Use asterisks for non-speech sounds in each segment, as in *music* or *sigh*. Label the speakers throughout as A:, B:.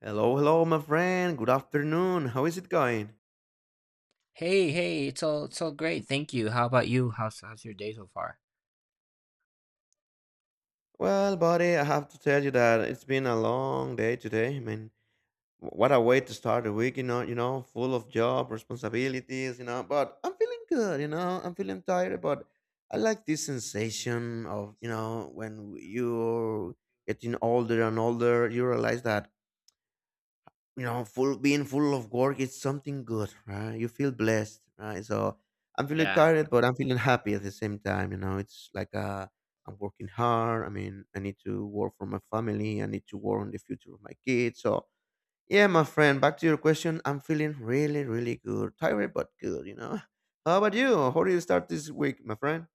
A: Hello, hello, my friend. Good afternoon. How is it going?
B: Hey, hey, it's all great. Thank you. How about you? How's your day so far?
A: Well, buddy, I have to tell you that it's been a long day today. I mean, what a way to start the week, you know, full of job responsibilities, but I'm feeling good, I'm feeling tired, but I like this sensation of, when you're getting older and older, you realize that full being full of work is something good, right? You feel blessed, right? So I'm feeling
B: Yeah.
A: tired but I'm feeling happy at the same time, it's like I'm working hard. I mean, I need to work for my family, I need to work on the future of my kids. So yeah, my friend, back to your question, I'm feeling really, really good, tired but good, *laughs* how about you? How do you start this week, my friend?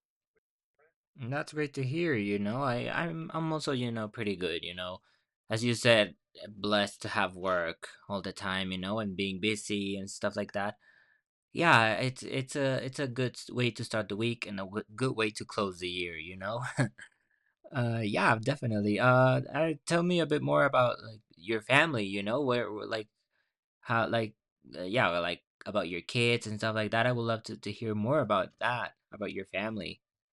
B: Mm, that's great to hear, you know. I'm also, you know, pretty good, you know. As you said, blessed to have work all the time, you know, and being busy and stuff like that. Yeah, it's a good way to start the week and a w good way to close the year, you know. *laughs* Yeah, definitely. Tell me a bit more about like your family, you know, like how like yeah, well, like about your kids and stuff like that. I would love to hear more about that, about your family. *laughs*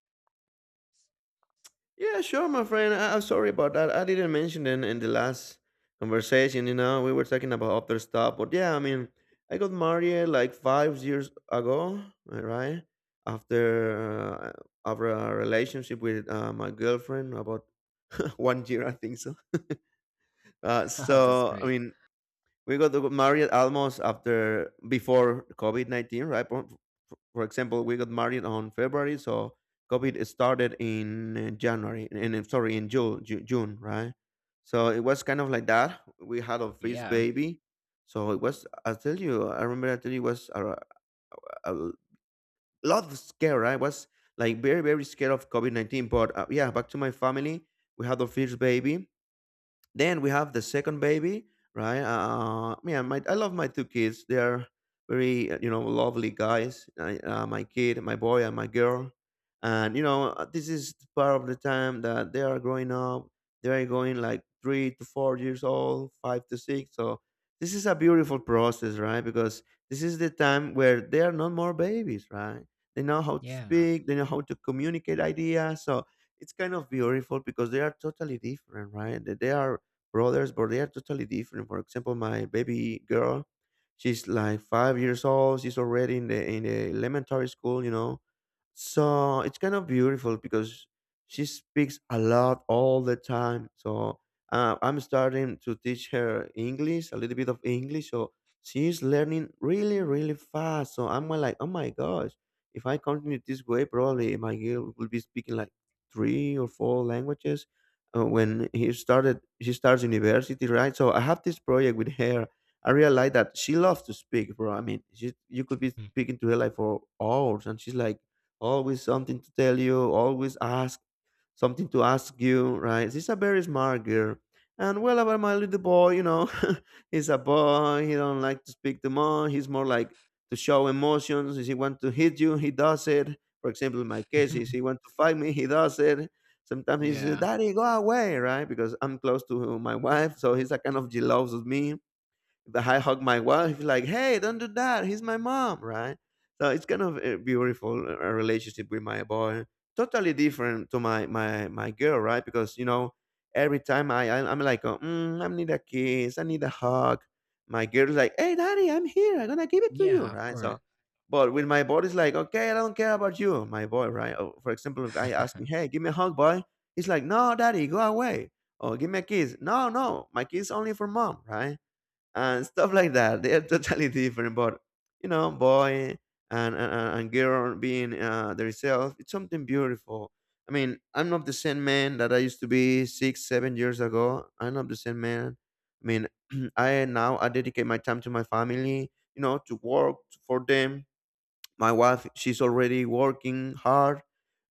A: Yeah, sure, my friend. I'm sorry about that. I didn't mention in the last conversation. You know, we were talking about other stuff, but yeah, I mean, I got married like 5 years ago, right? After uh, after a relationship with my girlfriend, about *laughs* one year, I think so. *laughs* Uh,
B: Oh, that's
A: so I
B: great.
A: mean, we got married almost after before COVID-19, right? For example, we got married on February, so COVID started in January, and I'm sorry, in June, June, right? So it was kind of like that. We had our first
B: Yeah.
A: baby, so it was. I tell you, I remember. I tell you, it was a lot of scare. Right? I was like very, very scared of COVID-19. But yeah, back to my family. We had our first baby, then we have the second baby, right? Yeah, my I love my two kids. They are very you know lovely guys. My kid, my boy, and my girl. And you know this is part of the time that they are growing up. They are going like 3 to 4 years old, 5 to 6. So this is a beautiful process, right? Because this is the time where they are no more babies, right? They know how to
B: Yeah.
A: speak. They know how to communicate ideas. So it's kind of beautiful because they are totally different, right? They are brothers, but they are totally different. For example, my baby girl, she's like 5 years old. She's already in the elementary school, you know, so it's kind of beautiful because she speaks a lot all the time. So I'm starting to teach her English, a little bit of English. So she's learning really, really fast. So I'm like, oh my gosh, if I continue this way, probably my girl will be speaking like three or four languages when he started. She starts university, right? So I have this project with her. I realized that she loves to speak, bro. I mean, she, you could be
B: *laughs*
A: speaking to her like for hours, and she's like always something to tell you, always ask something to ask you, right? She's a very smart girl. And well about my little boy, *laughs* he's a boy, he don't like to speak too much, he's more like to show emotions. If he wants to hit you, he does it. For example, in my case, if he wants to fight me, he does it. Sometimes he says,
B: Yeah.
A: Daddy, go away, right? Because I'm close to my wife, so he's a kind of jealous of me if I hug my wife, he's like, hey, don't do that. He's my mom, right? So it's kind of a beautiful relationship with my boy. Totally different to my girl, right? Because you know, every time I'm like, oh, I need a kiss, I need a hug. My girl's like, hey, daddy, I'm here. I'm gonna give it to you,
B: Yeah, of
A: right?
B: course.
A: So. But with my boy, it's like, okay, I don't care about you, my boy, right? Or, for example, if I ask him,
B: *laughs*
A: hey, give me a hug, boy. He's like, no, daddy, go away. Or give me a kiss. No, no, my kiss only for mom, right? And stuff like that. They are totally *laughs* different, but you know, boy and girl being themselves, it's something beautiful. I mean, I'm not the same man that I used to be 6, 7 years ago. I'm not the same man. I mean, *clears throat* I now I dedicate my time to my family, you know, to work for them, my wife she's already working hard,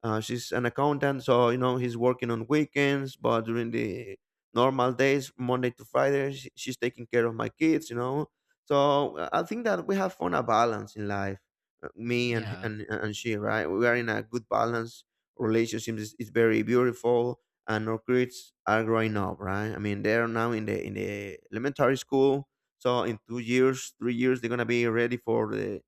A: she's an accountant, so you know he's working on weekends, but during the normal days Monday to Friday she's taking care of my kids, you know. So I think that we have found a balance in life, me and,
B: Yeah.
A: and and she, right? We are in a good balance, relationship is very beautiful, and our kids are growing up, right? I mean, they're now in the elementary school, so in 2 years 3 years they're gonna be ready for the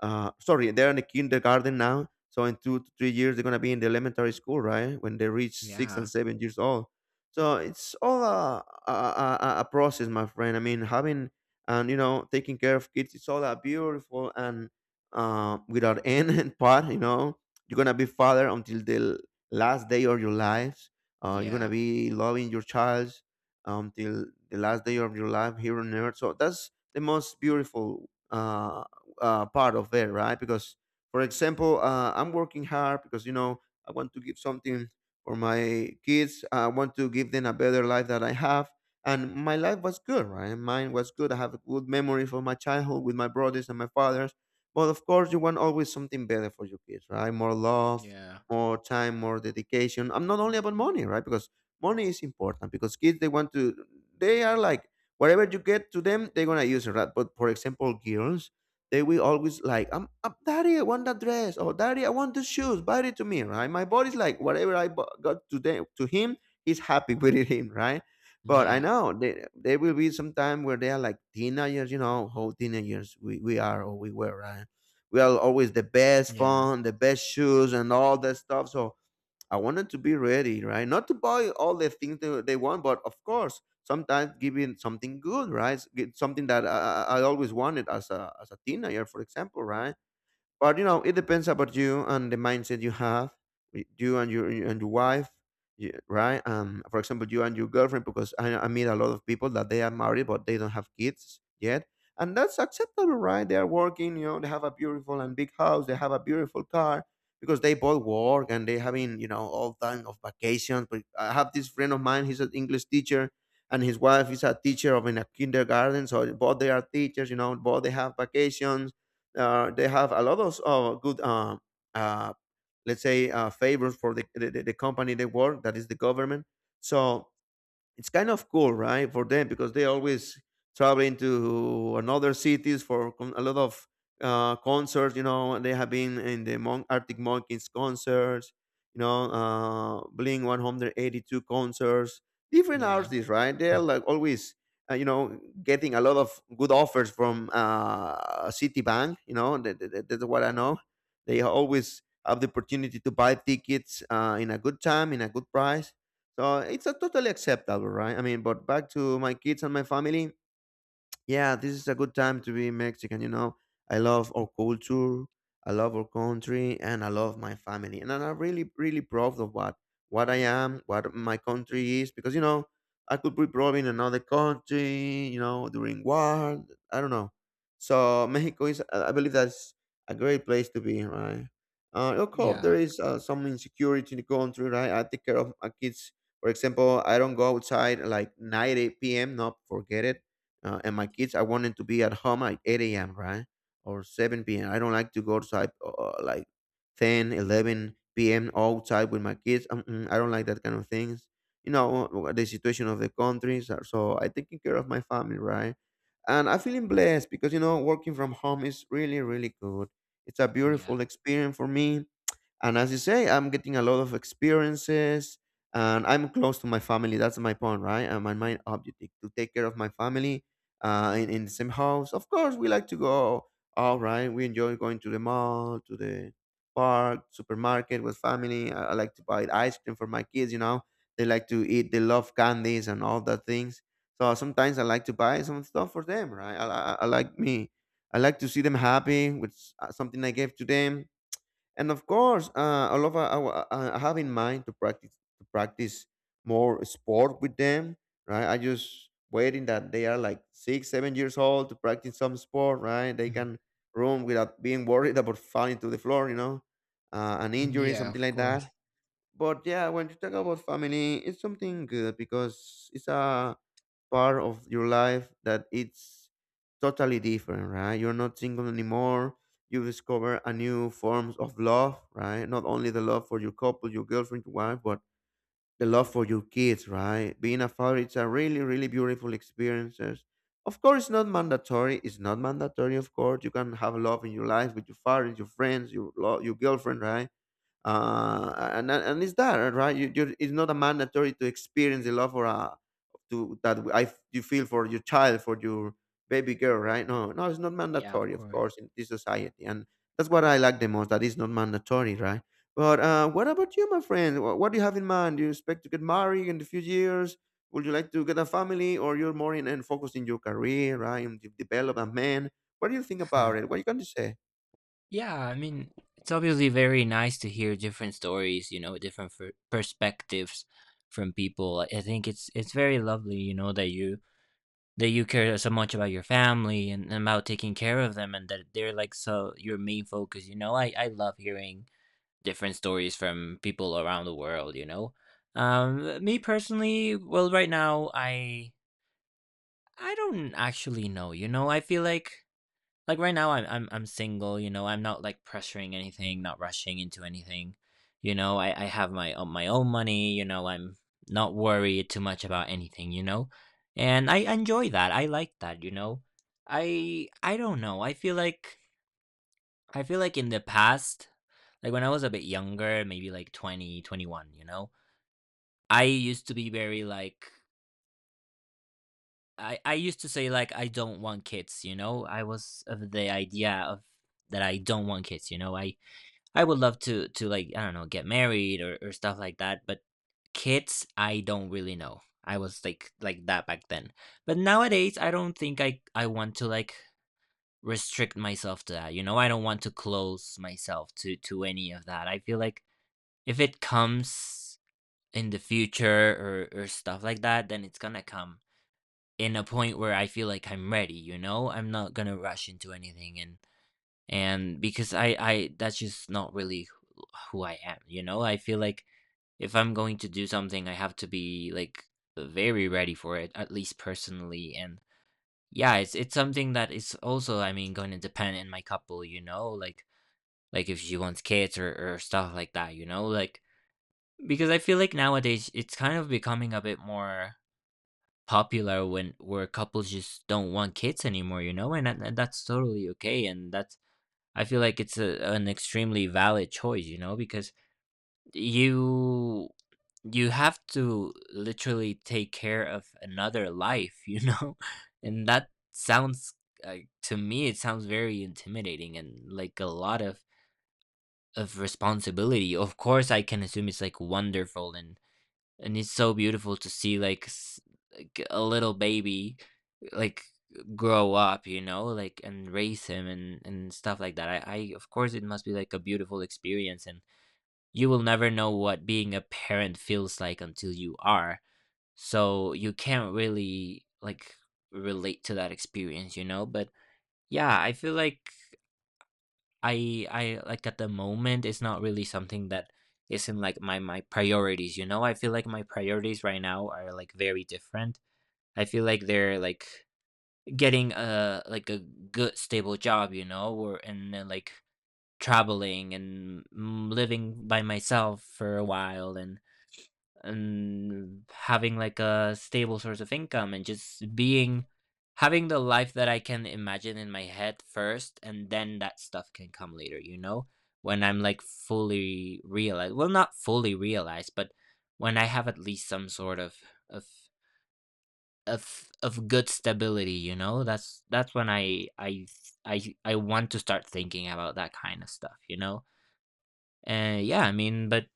A: sorry, they're in the kindergarten now, so in 2 to 3 years they're going to be in the elementary school, right? When they reach six
B: Yeah.
A: and seven years old. So it's all a process, my friend. I mean, having and you know taking care of kids, it's all a beautiful and without *laughs* end and part, you know, you're going to be father until the last day of your lives, you're going to
B: Yeah.
A: be loving your child until the last day of your life here on earth. So that's the most beautiful part of it, right? Because, for example, I'm working hard because you know I want to give something for my kids. I want to give them a better life that I have, and my life was good, right? Mine was good. I have a good memory from my childhood with my brothers and my fathers. But of course, you want always something better for your kids, right? More love,
B: Yeah.
A: more time, more dedication. I'm not only about money, right? Because money is important because kids they want to, they are like, whatever you get to them, they're gonna use it. Right? But for example, girls, they will always like, I'm, I daddy, I want that dress, or daddy, I want those shoes, buy it to me, right? My body's like, whatever got to them, to him, he's happy *laughs* with it, him, right? But I
B: Yeah.
A: know there will be some time where they are like teenagers, you know, how teenagers we are or we were, right? We are always the best
B: Yeah. Yeah.
A: phone, the best shoes, and all that stuff. So I want them to be ready, right? Not to buy all the things they want, but of course, sometimes giving something good, right? get Something that I always wanted as a teenager, for example, right? But you know, it depends about you and the mindset you have, you and your wife, right? For example, you and your girlfriend, because I meet a lot of people that they are married but they don't have kids yet, and that's acceptable, right? They are working, you know, they have a beautiful and big house, they have a beautiful car, because they both work and they having you know all time of vacations. But I have this friend of mine, he's an English teacher. And his wife is a teacher of in a kindergarten, so both they are teachers. You know, both they have vacations, they have a lot of good, uh, let's say, favors for the company they work. That is the government. So it's kind of cool, right, for them, because they always traveling to another cities for a lot of concerts. You know, they have been in the Arctic Monkeys concerts. You know, Blink 182 concerts. Different artists, right? They're
B: Mm.
A: like always, you know, getting a lot of good offers from Citibank. You know, that's what I know. They always have the opportunity to buy tickets in a good time, in a good price, so it's a totally acceptable, right? I mean, but back to my kids and my family, yeah, this is a good time to be Mexican. You know, I love our culture, I love our country, and I love my family. And I'm really, really proud of what I am, what my country is, because you know, I could be proud in another country. You know, during war, I don't know. So *laughs* Mexico is, I believe, that's a great place to be, right? Of course, there
B: Yeah.
A: is some insecurity in the country, right? I take care of my kids. For example, I don't go outside like 9 8 p.m. No, forget it. And my kids, I want them to be at home at 8 a.m., right? Or 7 p.m. I don't like to go outside like 10 11 p.m. outside with my kids. Mm-mm, I don't like that kind of things, you know. The situation of the countries are— so I taking care of my family, right? And I'm feeling blessed because, you know, working from home is really, really good. It's a
B: Yeah.
A: beautiful experience for me. And as you say, I'm getting a lot of experiences, and I'm close to my family. That's my point, right? And my main objective to take care of my family in the same house. Of course, we like to go out, right? We enjoy going to the mall, to the park, supermarket with family. I like to buy ice cream for my kids, you know. They like to eat, they love candies and all that things. So sometimes I like to buy some stuff for them, right? I like me. I like to see them happy with something I gave to them. And of course, I have in mind to practice more sport with them, right? I just waiting that they are like 6 7 years old to practice some sport, right? They
B: Mhm.
A: can run without being worried about *laughs* falling to the floor, you know, an injury,
B: Yeah,
A: something
B: of
A: like
B: course.
A: that. But yeah, when you talk about family, it's something good because it's a part of your life that it's totally different, right? You're not single anymore. You discover a new forms of love, right? Not only the love for your couple, your girlfriend, your wife, but the love for your kids, right? Being a father, it's a really, really beautiful experiences. Of course, it's not mandatory. It's not mandatory, of course. You can have love in your life with your father, your friends, your your girlfriend, right? And it's that right? You it's not a mandatory to experience the love for a to that I you feel for your child for your baby girl, right? No, no, it's not
B: Yeah, of
A: mandatory, of
B: course.
A: course, in this society. And that's what I like the most. That it's not mandatory, right? But what about you, my friend? What do you have in mind? Do you expect to get married in a few years? Would you like to get a family, or you're more in and focused in your career, right? And develop a man. What do you think about
B: *laughs*
A: it? What you going to say?
B: Yeah, I mean, it's obviously very nice to hear different stories, you know, different f perspectives from people. I think it's very lovely, you know, that you care so much about your family and about taking care of them and that they're like so your main focus, you know. I love hearing different stories from people around the world, you know. Me personally, well, right now I don't actually know, you know. I feel like right now I'm single, you know, I'm not like pressuring anything, not rushing into anything. You know, I have my own money, you know, I'm not worried too much about anything, you know? And I enjoy that. I like that, you know? I don't know. I feel like in the past, like when I was a bit younger, maybe like 20 21. You know? I used to be very like I used to say like I don't want kids, you know? I was of the idea of that I don't want kids, you know? I would love to like I don't know get married, or stuff like that, but kids I don't really know. I was like that back then, but nowadays I don't think I want to like restrict myself to that. You know, I don't want to close myself to any of that. I feel like if it comes in the future or stuff like that, then it's gonna come in a point where I feel like I'm ready. You know, I'm not gonna rush into anything, and because I that's just not really who I am, you know? I feel like if I'm going to do something, I have to be like very ready for it, at least personally. And yeah, it's something that is also, I mean, going to depend in my couple, you know, like if she wants kids or stuff like that, you know, like because I feel like nowadays it's kind of becoming a bit more popular when where couples just don't want kids anymore, you know, and, and that's totally okay, and that's I feel like it's a, an extremely valid choice, you know, because you you have to literally take care of another life, you know, *laughs* and that sounds uh, to me it sounds very intimidating and like a lot of responsibility. Of course, I can assume it's like wonderful and it's so beautiful to see like like a little baby like grow up, you know, like and raise him and stuff like that. I of course it must be like a beautiful experience, and you will never know what being a parent feels like until you are, so you can't really like relate to that experience, you know. But yeah, I feel like I like at the moment it's not really something that isn't like my priorities, you know. I feel like my priorities right now are like very different. I feel like they're like getting a like a good stable job, you know, or and then like traveling and living by myself for a while and having like a stable source of income, and just being having the life that I can imagine in my head first, and then that stuff can come later, you know? When I'm like fully realized, well, not fully realized, but when I have at least some sort of of good stability, you know. That's when I want to start thinking about that kind of stuff, you know. And yeah, I mean,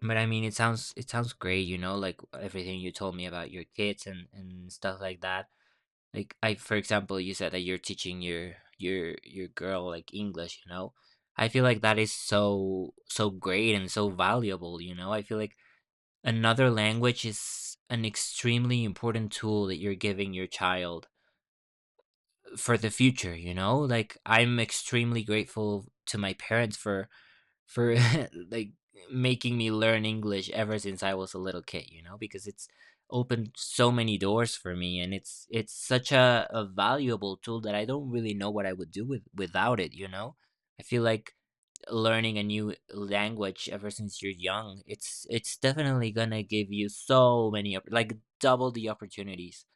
B: but I mean it sounds great, you know, like everything you told me about your kids and stuff like that. Like I for example you said that you're teaching your girl like English, you know. I feel like that is so so great and so valuable, you know. I feel like another language is an extremely important tool that you're giving your child for the future, you know? Like I'm extremely grateful to my parents for for *laughs* like making me learn English ever since I was a little kid, you know, because it's opened so many doors for me, and it's such a valuable tool that I don't really know what I would do with without it, you know? I feel like learning a new language ever since you're young, it's definitely gonna give you so many like double the opportunities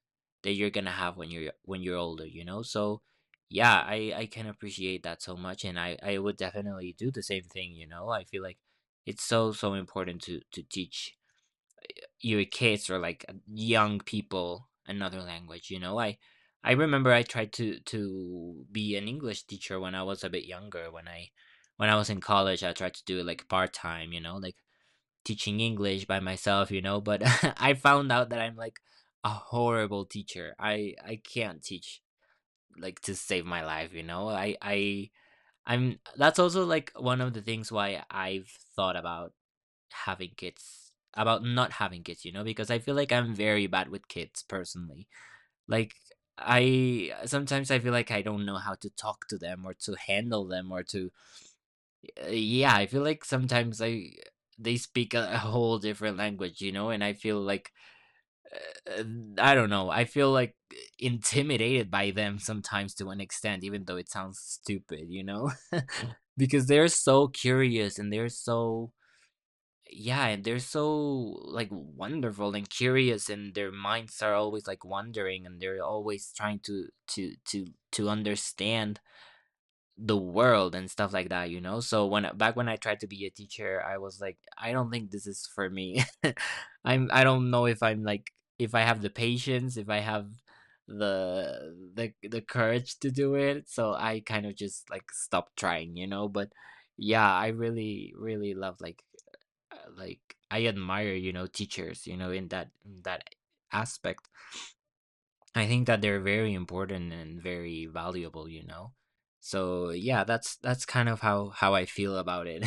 B: that you're gonna have when you're older, you know. So yeah, I can appreciate that so much, and I would definitely do the same thing, you know. I feel like it's so so important to teach your kids or like young people another language, you know. I remember I tried to be an English teacher when I was a bit younger, when I when I was in college. I tried to do it like part-time, you know, like teaching English by myself, you know. But *laughs* I found out that I'm like a horrible teacher. I can't teach like to save my life, you know. I'm that's also like one of the things why I've thought about having kids, about not having kids, you know, because I feel like I'm very bad with kids personally. Like I sometimes I feel like I don't know how to talk to them or to handle them or to yeah, I feel like sometimes I they speak a whole different language, you know, and I feel like uh, I don't know. I feel like intimidated by them sometimes to an extent, even though it sounds stupid, you know, *laughs* because they're so curious and they're so yeah, and they're so like wonderful and curious, and their minds are always like wandering, and they're always trying to to to understand the world and stuff like that, you know. So when back when I tried to be a teacher, I was like I don't think this is for me. *laughs* I don't know if I'm like if I have the patience, if I have the courage to do it. So I kind of just like stopped trying, you know. But yeah, I really really love like I admire, you know, teachers, you know, in that aspect. I think that they're very important and very valuable, you know. So yeah, that's kind of how I feel about it.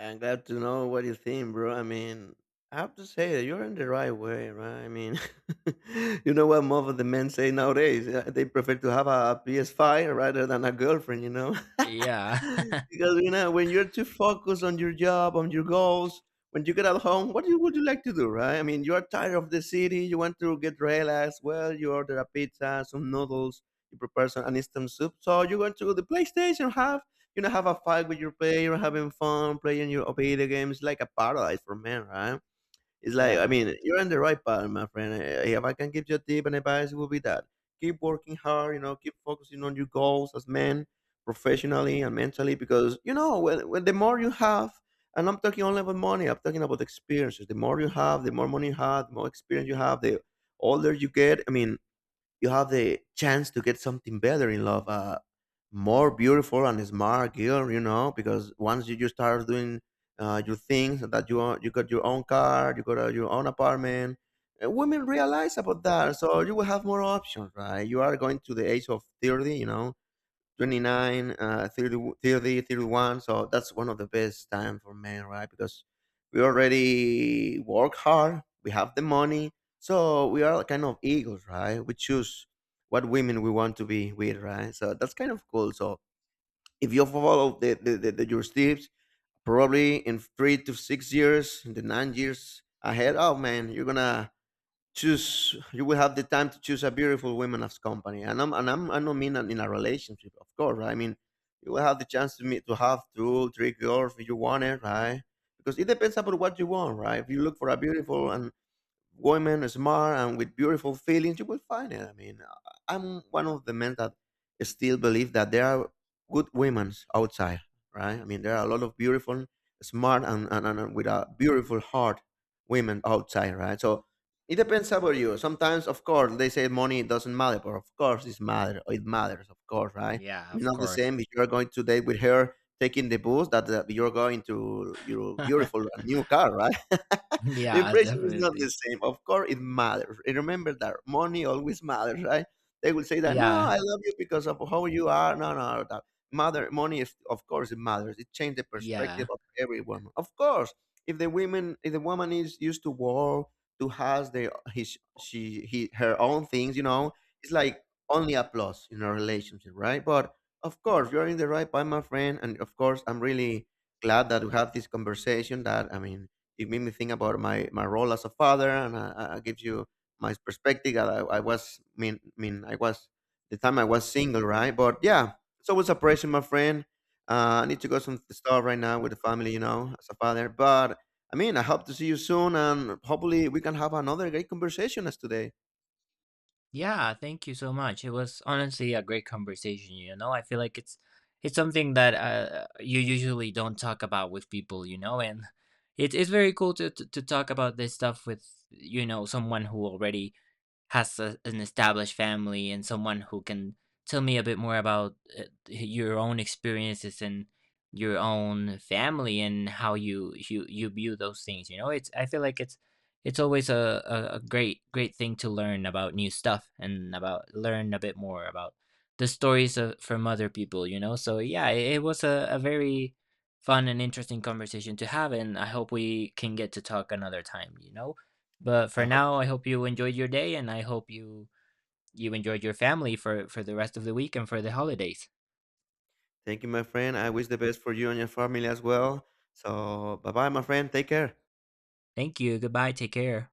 A: I'm glad to know what you think, bro. I mean, I have to say that you're in the right way, right? I mean, *laughs* you know what most of the men say nowadays? They prefer to have a PS5 rather than a girlfriend, you know?
B: *laughs* Yeah,
A: *laughs* Because, you know, when you're too focused on your job, on your goals, when you get at home, what you, would you like to do, right? I mean, you are tired of the city, you want to get relaxed. Well, you order a pizza, some noodles, you prepare some, an instant soup. So you're going to the PlayStation, have have a fight with your player, having fun, playing your video games, like a paradise for men, right? It's
B: *laughs*
A: like, I
B: yeah,
A: mean, you're on the right path, my friend. If I can give you a tip and advice, it will be that. Keep working hard, you know, keep focusing on your goals as men, professionally and mentally, because, you know, when the more you have, and I'm talking only about money, I'm talking about experiences. The more you have, the more money you have, the more experience you have, the older you get. I mean, you have the chance to get something better in love. More beautiful and smart girl, you know, because once you start doing your things that you are, you got your own car, you got your own apartment. Women realize about that. So you will have more options, right? You are going to the age of 30, you know, 29, 30, thirty, 31. So that's one of the best time for men, right? Because we already work hard, we have the money, so we are kind of eagles, right? We choose what women we want to be with, right? So that's kind of cool. So if you follow the your steps, probably in 3 to 6 years, in the 9 years ahead, oh man, you're gonna choose. You will have the time to choose a beautiful woman as company. And I'm, I don't mean in a relationship, of course, right? I mean, you will have the chance to have 2 3 girls if you want it, right? Because it depends upon what you want, right? If you look for a beautiful and women smart and with beautiful feelings, you will find it. I mean, am one of the men that still believe that there are good women outside, right? I mean, there are a lot of beautiful, smart and, with a beautiful heart women outside, right? So it depends about you. Sometimes, of course, they say money doesn't matter, but of course it matters, of course, right?
B: yeah.
A: I mean,
B: Of
A: not the
B: course.
A: same if you're going to date with her taking the booze, that you're going to your beautiful
B: *laughs*
A: new car, right? *laughs* The
B: Yeah,
A: impression is not the
B: definitely.
A: same. Of course, it matters. And remember that money always matters, right? They will say that, no,
B: Yeah,
A: I love you because of how you are. No, no, no, that matter. Money is, of course, it matters. It changed the perspective
B: yeah,
A: of every woman. Of course, if the women, if the woman is used to work, to has their his she he her own things, you know, it's like only a plus in a relationship, right? But of course, you're in the right by my friend, and of course, I'm really glad that we have this conversation. That I mean, it made me think about my role as a father, and I gives you my perspective. I was mean I was the time I was single, right? But yeah, it's always a pressure, my friend. I need to go some stuff right now with the family, you know, as a father. But I mean, I hope to see you soon, and hopefully we can have another great conversation as today.
B: yeah. Thank you so much. It was honestly a great conversation. You know, I feel like it's something that you usually don't talk about with people. You know, and it's very cool to talk about this stuff with you know someone who already has a, an established family, and someone who can tell me a bit more about your own experiences and your own family and how you view those things, you know. It's I feel like it's always a great great thing to learn about new stuff, and about learn a bit more about the stories of, from other people, you know. So yeah, it was a very fun and interesting conversation to have, and I hope we can get to talk another time, you know. But
A: I
B: for
A: hope.
B: now, I hope you enjoyed your day, and I hope you you enjoyed your family for the rest of the week and for the holidays.
A: Thank you, my friend. I wish the best for you and your family as well. So, bye bye, my friend. Take care.
B: Thank you. Goodbye. Take care.